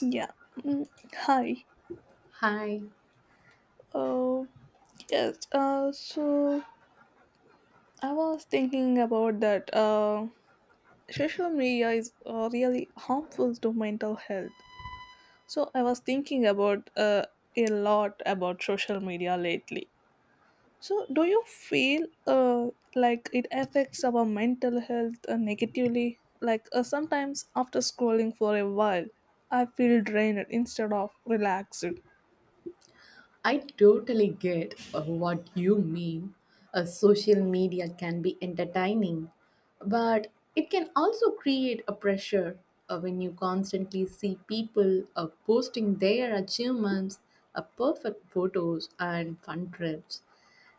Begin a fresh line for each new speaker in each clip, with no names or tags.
Yeah. Mm, hi.
Hi,
Uh, yes. So I was thinking about that. Social media is really harmful to mental health. So I was thinking about a lot about social media lately. So do you feel like it affects our mental health negatively? Like sometimes after scrolling for a while, I feel drained instead of relaxed.
I totally get what you mean. Social media can be entertaining, but it can also create a pressure when you constantly see people posting their achievements, perfect photos, and fun trips.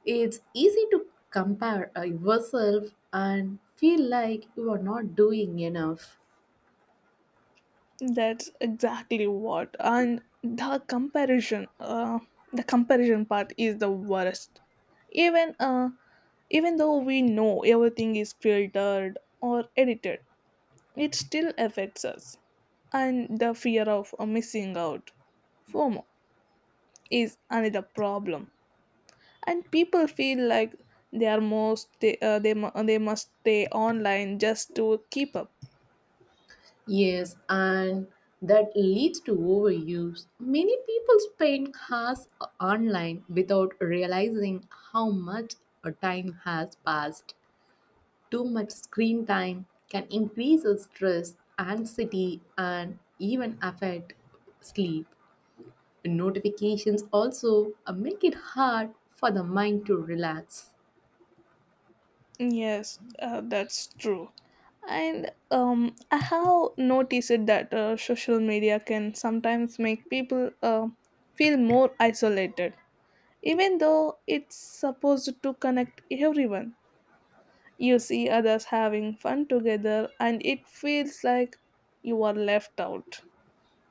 It's easy to compare yourself and feel like you are not doing enough.
That's exactly what. And the comparison part is the worst. Even uh, even though we know everything is filtered or edited, it still affects us. And the fear of missing out, FOMO, is another problem. And people feel like they are most they mu- they must stay online just to keep up.
Yes, and that leads to overuse. Many people spend hours online without realizing how much a time has passed. Too much screen time can increase our stress, anxiety, and even affect sleep. Notifications also make it hard for the mind to relax.
Yes, that's true. And I have noticed that social media can sometimes make people feel more isolated, even though it's supposed to connect everyone. You see others having fun together, and it feels like you are left out.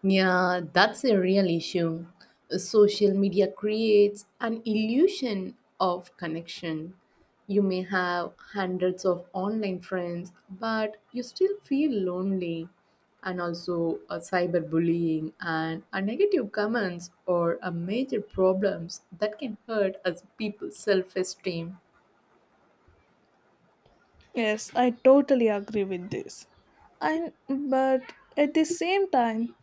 Yeah, that's a real issue. Social media creates an illusion of connection. You may have hundreds of online friends, but you still feel lonely. And also, cyberbullying and negative comments or major problems that can hurt as people's self esteem.
Yes, I totally agree with this. And but at the same time,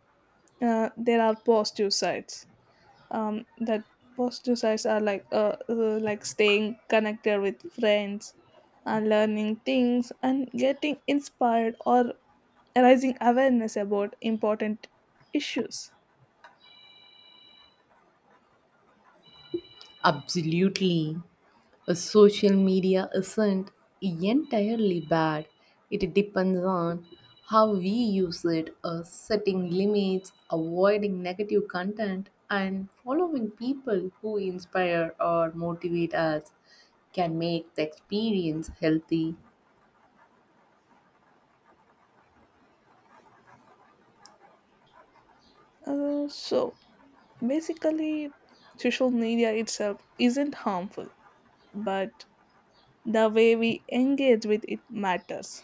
there are positive sides that positive sides are like staying connected with friends and learning things and getting inspired or raising awareness about important issues.
Absolutely. A social media isn't entirely bad. It depends on how we use it, setting limits, avoiding negative content, and following people who inspire or motivate us can make the experience healthy.
So basically social media itself isn't harmful, but the way we engage with it matters.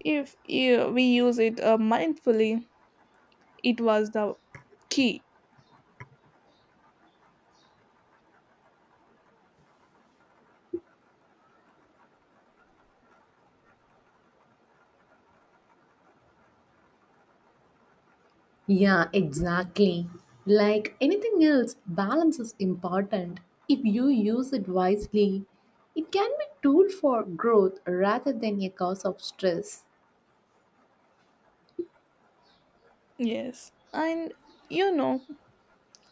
If we use it mindfully, it was the key.
Yeah, exactly. Like anything else, balance is important. If you use it wisely, it can be tool for growth rather than a cause of stress.
Yes, and you know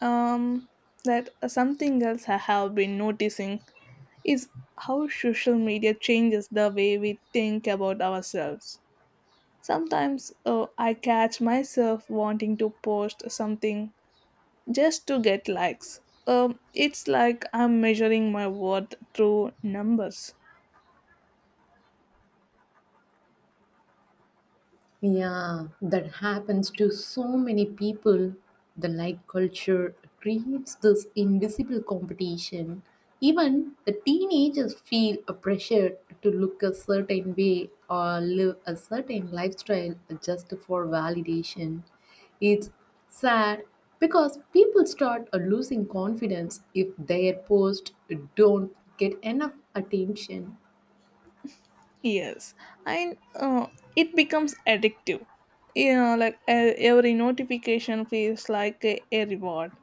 um that something else I have been noticing is how social media changes the way we think about ourselves. Sometimes I catch myself wanting to post something just to get likes. It's like I'm measuring my worth through numbers.
Yeah, that happens to so many people. The like culture creates this invisible competition. Even the teenagers feel a pressure to look a certain way or live a certain lifestyle just for validation. It's sad because people start losing confidence if their posts don't get enough attention.
Yes, and it becomes addictive. You know, like every notification feels like a reward.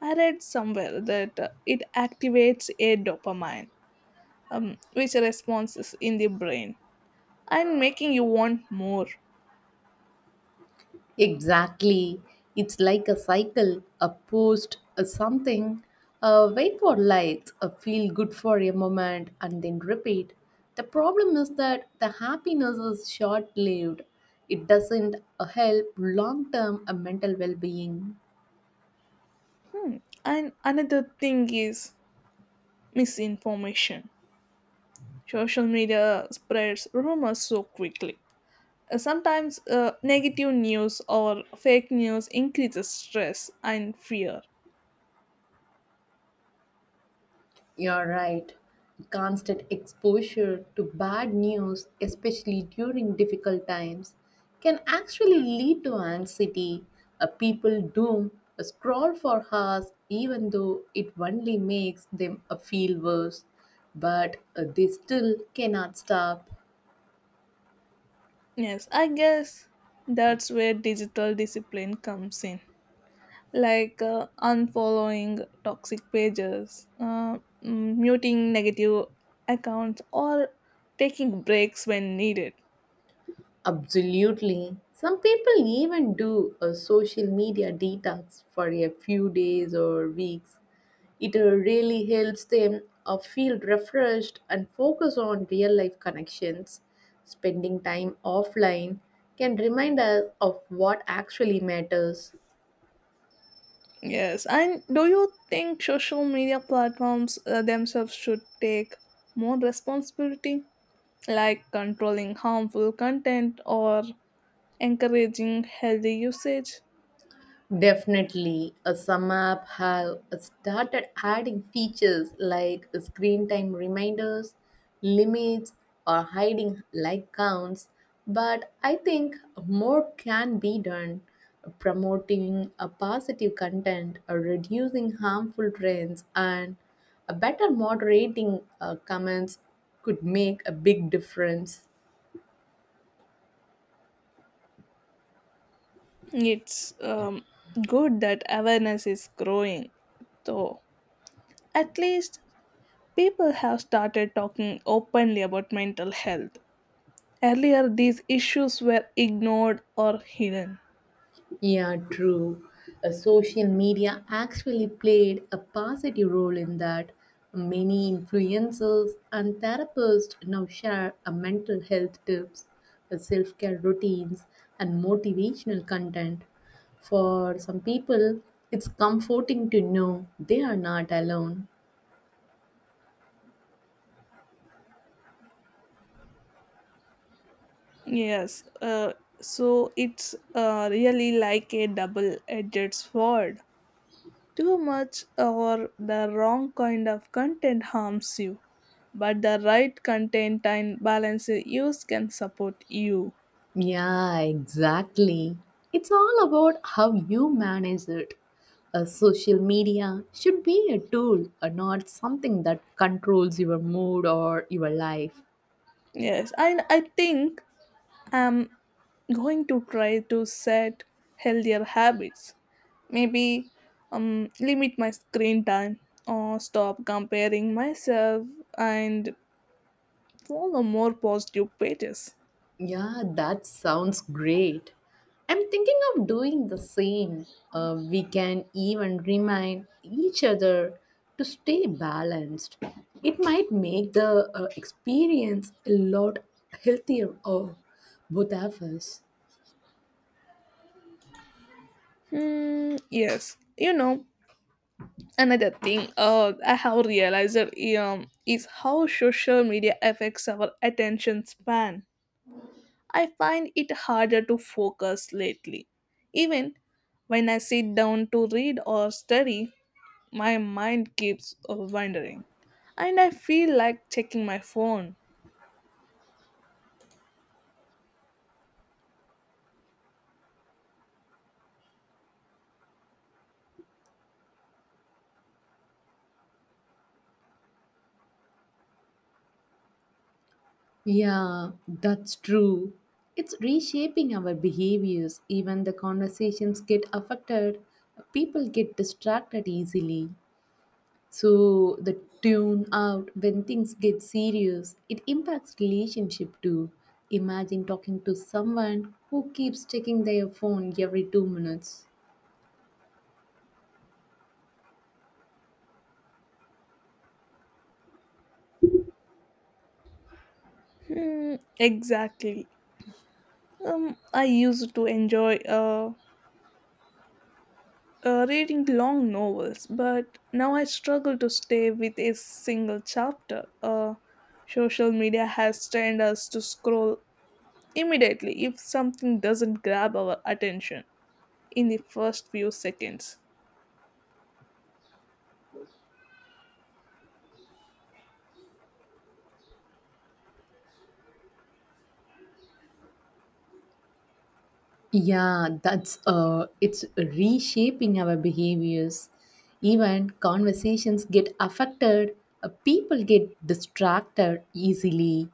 I read somewhere that it activates a dopamine, which responses in the brain and making you want more.
Exactly. It's like a cycle, a post, a something, a wait for lights, a feel good for a moment, and then repeat. The problem is that the happiness is short lived. It doesn't help long term mental well being.
And another thing is misinformation. Social media spreads rumors so quickly. Sometimes negative news or fake news increases stress and fear.
You're right. Constant exposure to bad news, especially during difficult times, can actually lead to anxiety. A people doom a scroll for hours, even though it only makes them feel worse. But they still cannot stop.
Yes, I guess that's where digital discipline comes in. Like unfollowing toxic pages, muting negative accounts, or taking breaks when needed.
Absolutely. Some people even do a social media detox for a few days or weeks. It really helps them feel refreshed and focus on real life connections. Spending time offline can remind us of what actually matters.
Yes, and do you think social media platforms themselves should take more responsibility, like controlling harmful content or encouraging healthy usage?
Definitely, some app have started adding features like screen time reminders, limits, or hiding like counts. But I think more can be done. Promoting a positive content, reducing harmful trends, and a better moderating comments could make a big difference.
It's good that awareness is growing, though. At least people have started talking openly about mental health. Earlier, these issues were ignored or hidden.
Yeah, true. Social media actually played a positive role in that. Many influencers and therapists now share a mental health tips, self care routines, and motivational content. For some people, it's comforting to know they are not alone.
Yes, so it's really like a double edged sword. Too much or the wrong kind of content harms you, but the right content and balanced use can support you.
Yeah, exactly. It's all about how you manage it. A social media should be a tool, and not something that controls your mood or your life.
Yes, and I think I'm going to try to set healthier habits. Maybe limit my screen time or stop comparing myself and follow more positive pages.
Yeah, that sounds great. I'm thinking of doing the same. We can even remind each other to stay balanced. It might make the experience a lot healthier for both of us.
Hmm, yes, you know, another thing I have realized is how social media affects our attention span. I find it harder to focus lately. Even when I sit down to read or study, my mind keeps wandering, and I feel like checking my phone.
Yeah, that's true. It's reshaping our behaviors. Even the conversations get affected. People get distracted easily. So the tune out when things get serious, it impacts relationship too. Imagine talking to someone who keeps checking their phone every 2 minutes.
Hmm, exactly. I used to enjoy reading long novels, but now I struggle to stay with a single chapter. Social media has trained us to scroll immediately if something doesn't grab our attention in the first few seconds.
Yeah, that's it's reshaping our behaviors. Even conversations get affected, people get distracted easily,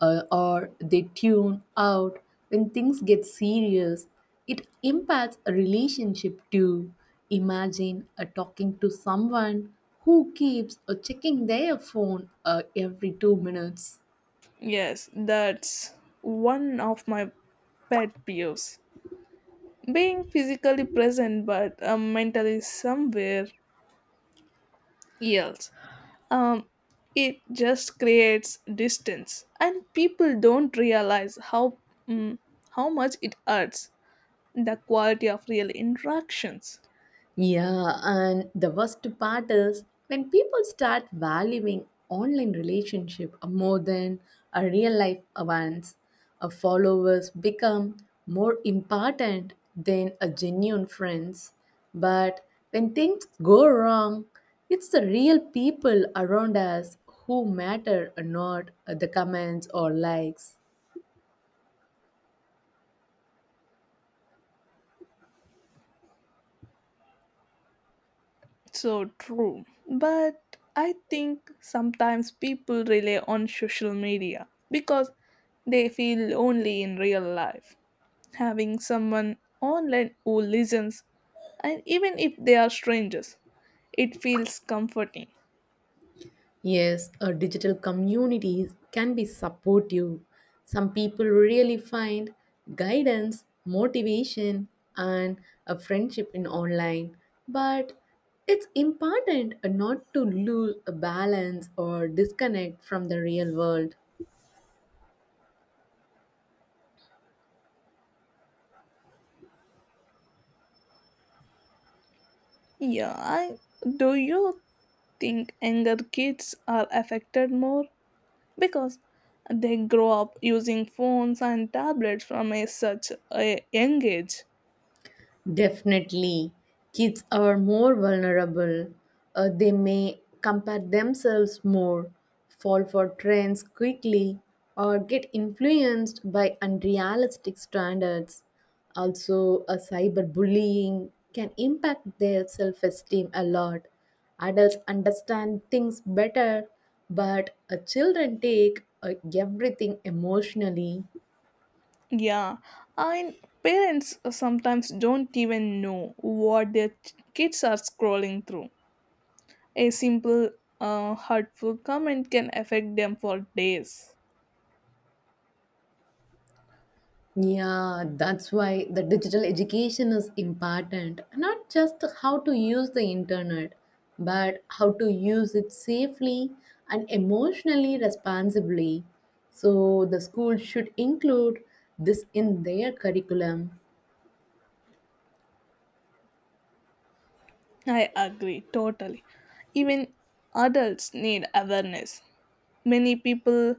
or they tune out when things get serious. It impacts a relationship too. Imagine talking to someone who keeps checking their phone every 2 minutes.
Yes, that's one of my pet peeves. Being physically present but mentally somewhere else. Um, it just creates distance, and people don't realize mm, how much it hurts the quality of real interactions.
Yeah, and the worst part is when people start valuing online relationship more than a real life ones, a followers become more important than a genuine friends. But when things go wrong, it's the real people around us who matter, not the comments or likes.
So true, but I think sometimes people rely on social media because they feel lonely in real life. Having someone online who listens and even if they are strangers, it feels comforting.
Yes, a digital communities can be supportive. Some people really find guidance, motivation, and a friendship in online. But it's important not to lose a balance or disconnect from the real world.
Yeah i do you think younger kids are affected more because they grow up using phones and tablets from a such a young age?
Definitely, kids are more vulnerable. They may compare themselves more, fall for trends quickly, or get influenced by unrealistic standards. Also, a cyberbullying can impact their self esteem a lot. Adults understand things better, but children take everything emotionally.
Yeah, and parents sometimes don't even know what their kids are scrolling through. A simple hurtful comment can affect them for days.
Yeah, that's why the digital education is important. Not just how to use the internet, but how to use it safely and emotionally responsibly. So the school should include this in their curriculum.
I agree totally. Even adults need awareness. Many people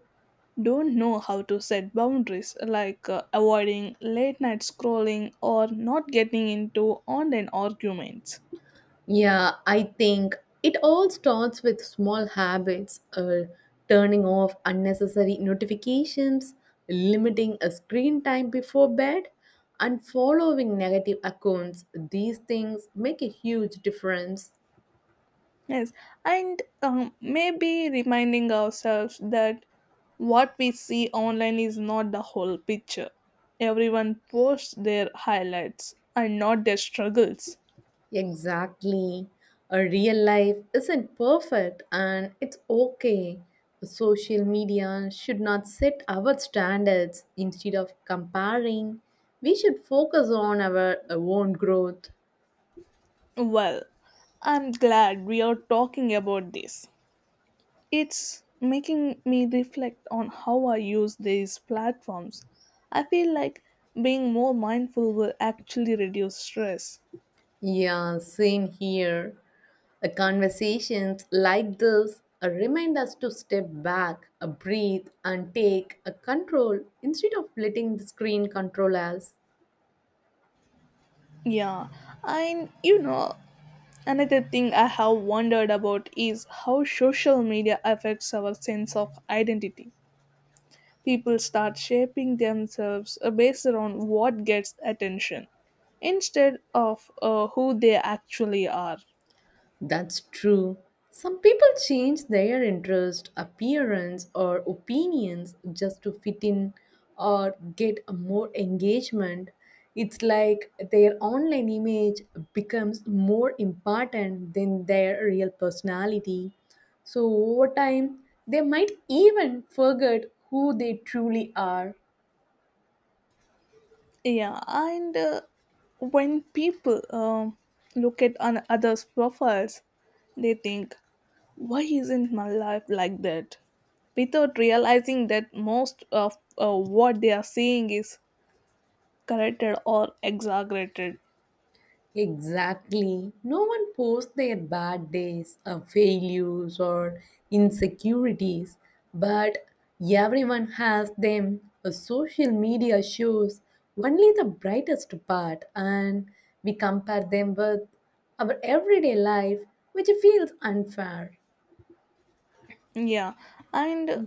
don't know how to set boundaries, like avoiding late night scrolling or not getting into online arguments.
Yeah, I think it all starts with small habits or turning off unnecessary notifications, limiting a screen time before bed, and following negative accounts. These things make a huge difference.
Yes, and maybe reminding ourselves that what we see online is not the whole picture. Everyone posts their highlights and not their struggles.
Exactly. A real life isn't perfect and it's okay. Social media should not set our standards. Instead of comparing, we should focus on our own growth.
Well, I'm glad we are talking about this. It's making me reflect on how I use these platforms. I feel like being more mindful will actually reduce stress.
Yeah, same here. Conversations like this remind us to step back, breathe, and take a control instead of letting the screen control us.
Yeah, and you know, another thing I have wondered about is how social media affects our sense of identity. People start shaping themselves based on what gets attention instead of who they actually are.
That's true. Some people change their interest, appearance, or opinions just to fit in or get a more engagement. It's like their online image becomes more important than their real personality. So, over time, they might even forget who they truly are.
Yeah, and when people look at an others' profiles, they think, "Why isn't my life like that?" Without realizing that most of what they are seeing is corrected or exaggerated.
Exactly. No one posts their bad days, failures, or insecurities, but everyone has them. Social media shows only the brightest part, and we compare them with our everyday life, which feels unfair.
Yeah, and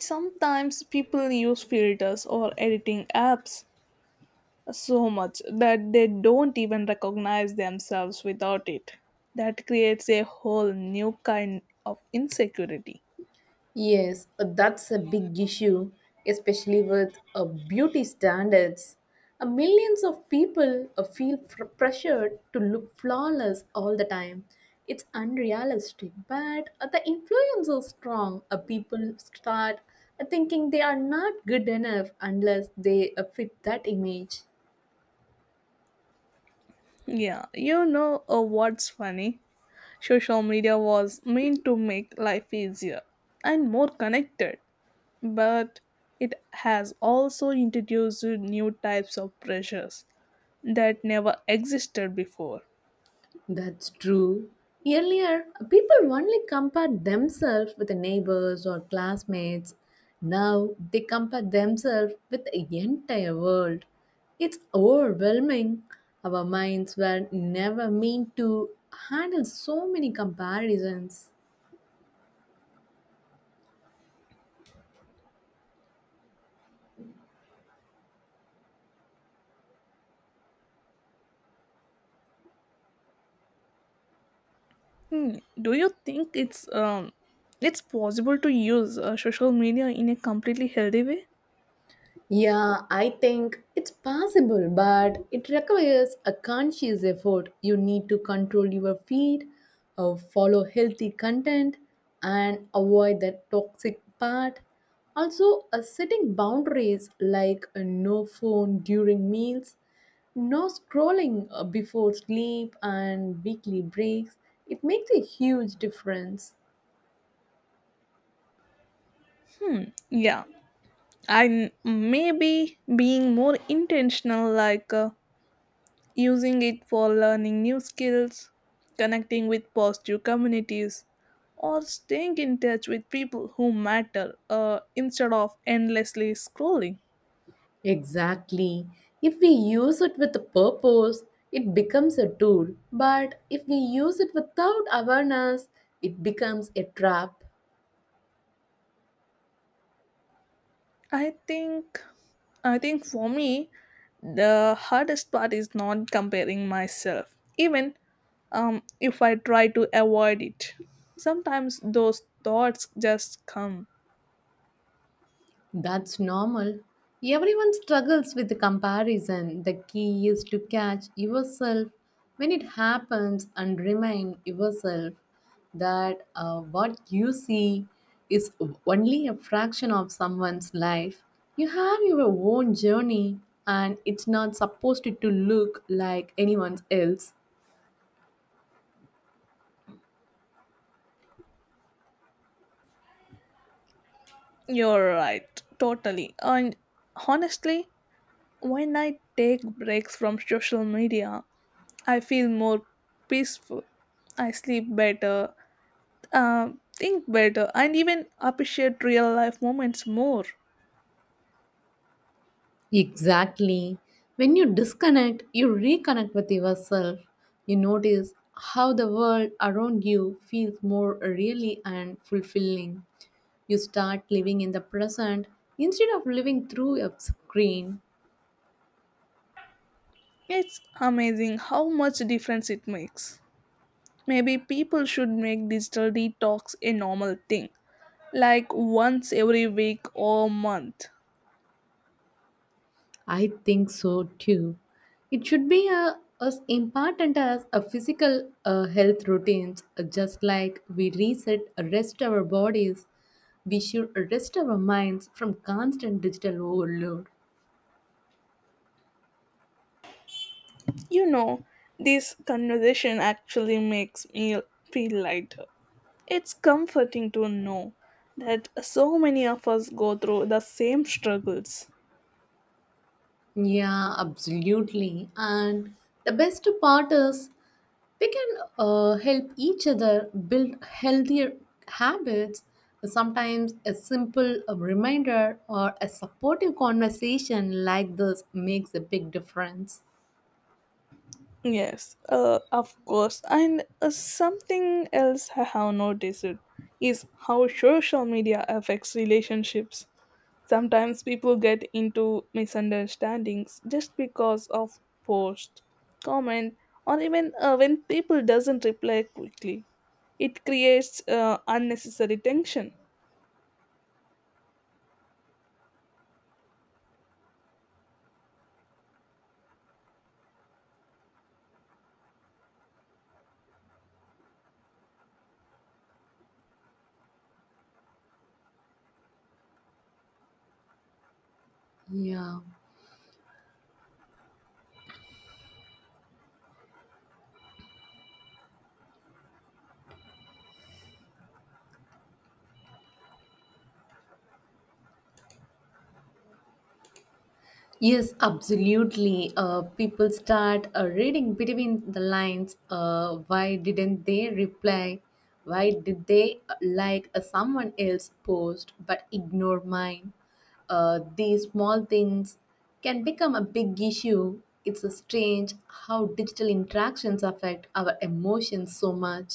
sometimes people use filters or editing apps so much that they don't even recognize themselves without it. That creates a whole new kind of insecurity.
Yes, that's a big issue, especially with beauty standards. Millions of people pressured to look flawless all the time. It's unrealistic, but the influence is strong. People start thinking they are not good enough unless they fit that image.
Yeah, you know what's funny? Social media was meant to make life easier and more connected, but it has also introduced new types of pressures that never existed before.
That's true. Earlier, people only compared themselves with the neighbors or classmates. Now they compare themselves with the entire world. It's overwhelming. Our minds were never meant to handle so many comparisons.
Hmm. Do you think it's possible to use social media in a completely healthy way?
Yeah, I think it's possible, but it requires a conscious effort. You need to control your feed, follow healthy content, and avoid that toxic part. Also, setting boundaries like no phone during meals, no scrolling before sleep, and weekly breaks. It makes a huge difference.
Hmm. Yeah, I maybe being more intentional, like using it for learning new skills, connecting with positive communities, or staying in touch with people who matter instead of endlessly scrolling.
Exactly. If we use it with a purpose, it becomes a tool. But if we use it without awareness, it becomes a trap.
I think, I think for me, the hardest part is not comparing myself, even if I try to avoid it. Sometimes those thoughts just come.
That's normal. Everyone struggles with the comparison. The key is to catch yourself when it happens and remind yourself that what you see is only a fraction of someone's life. You have your own journey and it's not supposed to look like anyone's else.
You're right, totally. And honestly, when I take breaks from social media, I feel more peaceful. I sleep better, uh, think better, and even appreciate real life moments more.
Exactly. When you disconnect, you reconnect with yourself. You notice how the world around you feels more really and fulfilling. You start living in the present instead of living through a screen.
It's amazing how much difference it makes. Maybe people should make digital detox a normal thing, like once every week or month.
I think so too. It should be a, as important as a physical health routines. Just like we reset, rest our bodies, we should rest our minds from constant digital overload.
You know, this conversation actually makes me feel lighter. It's comforting to know that so many of us go through the same struggles.
Yeah, absolutely. And the best part is we can help each other build healthier habits. Sometimes a simple reminder or a supportive conversation like this makes a big difference.
Yes, of course. And something else I have noticed is how social media affects relationships. Sometimes people get into misunderstandings just because of post, comment, or even when people doesn't reply quickly. It creates unnecessary tension.
Yeah. Yes, absolutely. People start reading between the lines. Why didn't they reply? Why did they like someone else post but ignore mine? These small things can become a big issue. It's strange how digital interactions affect our emotions so much.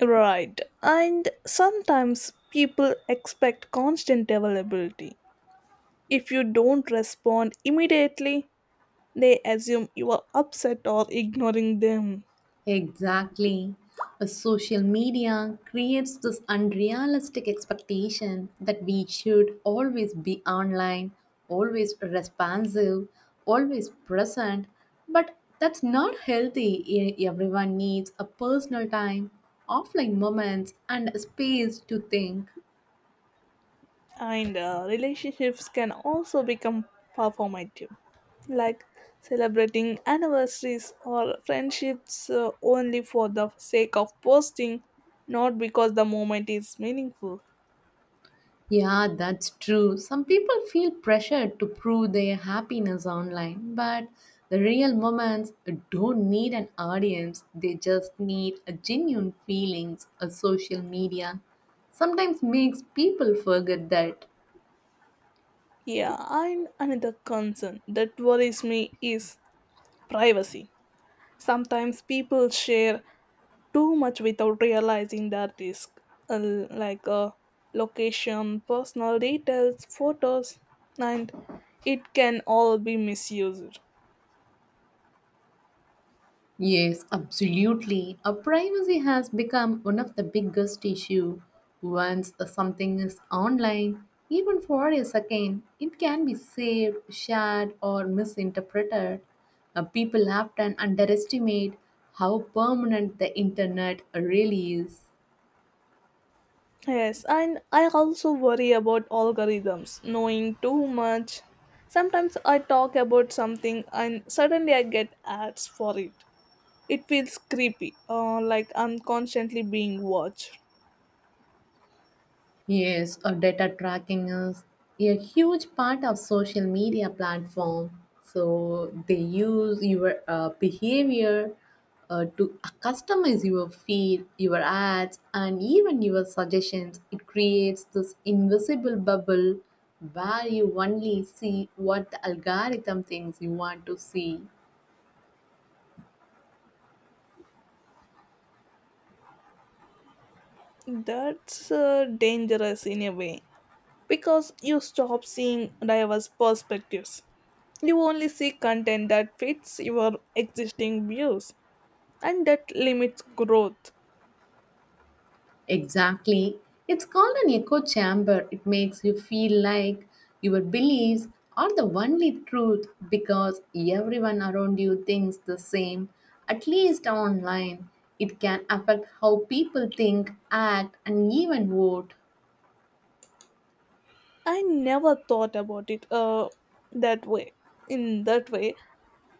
Right, and sometimes people expect constant availability. If you don't respond immediately, they assume you are upset or ignoring them.
Exactly. Social media creates this unrealistic expectation that we should always be online, always responsive, always present, but that's not healthy. Everyone needs a personal time, offline moments, and space to think.
And relationships can also become performative, like celebrating anniversaries or friendships only for the sake of posting, not because the moment is meaningful.
Yeah, that's true. Some people feel pressured to prove their happiness online, but the real moments don't need an audience. They just need a genuine feelings. A social media sometimes makes people forget that.
Yeah, and another concern that worries me is privacy. Sometimes people share too much without realizing their risk, uh, like uh, location, personal details, photos, and it can all be misused.
Yes, absolutely. A privacy has become one of the biggest issue. Once something is online, even for a second, it can be saved, shared, or misinterpreted. People often underestimate how permanent the internet really is.
Yes, and I also worry about algorithms, knowing too much. Sometimes I talk about something and suddenly I get ads for it. It feels creepy, like I'm constantly being watched.
Yes, data tracking is a huge part of social media platform. So they use your behavior to customize your feed, your ads, and even your suggestions. It creates this invisible bubble where you only see what the algorithm thinks you want to see.
That's dangerous in a way, because you stop seeing diverse perspectives. You only see content that fits your existing views and that limits growth.
Exactly. It's called an echo chamber. It makes you feel like your beliefs are the only truth because everyone around you thinks the same, at least online. It can affect how people think, act, and even vote.
I never thought about it that way, in that way,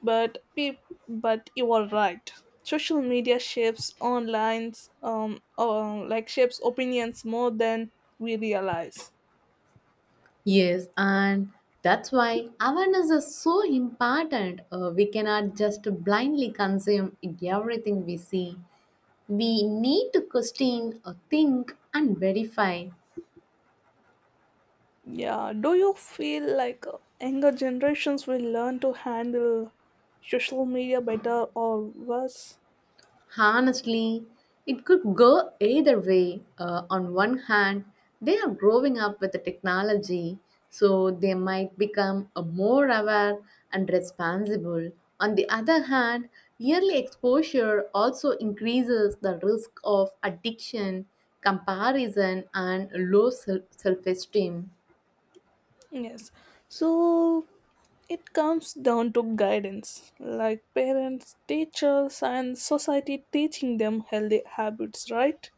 but pe- but you are right. Social media shapes online, like shapes opinions more than we realize.
Yes, and that's why awareness is so important. We cannot just blindly consume everything we see. We need to question, think, and verify.
Yeah, do you feel like younger generations will learn to handle social media better or worse?
Honestly, it could go either way. On one hand, they are growing up with the technology, so they might become more aware and responsible. On the other hand, yearly exposure also increases the risk of addiction, comparison, and low self esteem.
Yes. So it comes down to guidance, like parents, teachers, and society teaching them healthy habits, right?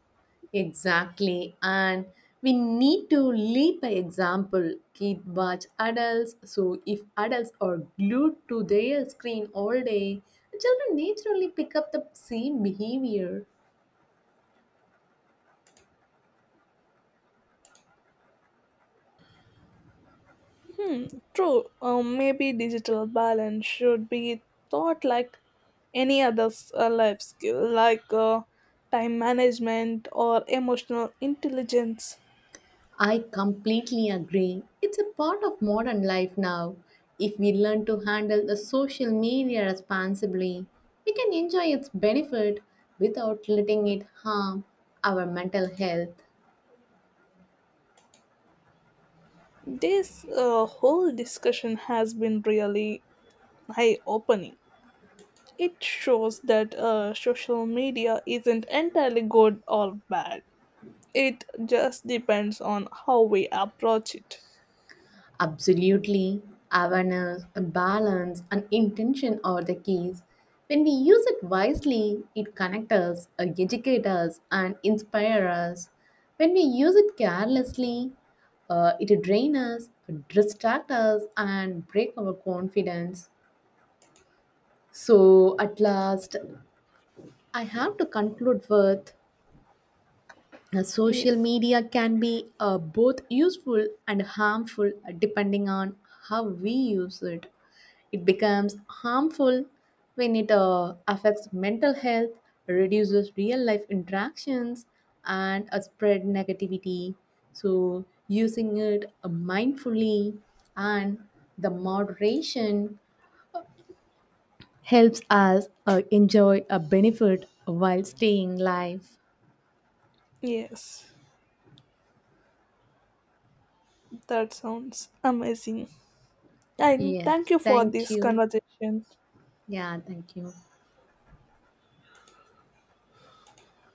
Exactly. And we need to lead by example. Kid, watch adults. So if adults are glued to their screen all day, children naturally pick up the same behavior.
Hmm, true. Maybe digital balance should be taught like any other life skill, like time management or emotional intelligence.
I completely agree. It's a part of modern life now. If we learn to handle the social media responsibly, we can enjoy its benefit without letting it harm our mental health.
This whole discussion has been really eye opening. It shows that social media isn't entirely good or bad, it just depends on how we approach it.
Absolutely. Awareness, balance, and intention are the keys. When we use it wisely, it connects us, educates us, and inspires us. When we use it carelessly, it drains us, distracts us, and breaks our confidence. So, at last, I have to conclude with social
Yes,
media can be both useful and harmful depending on how we use it. It becomes harmful when it affects mental health, reduces real life interactions, and spread negativity. So, using it mindfully and the moderation helps us enjoy a benefit while staying live.
yes, that sounds amazing. And
Yeah,
thank you for
thank
this
you.
conversation.
Yeah, thank you.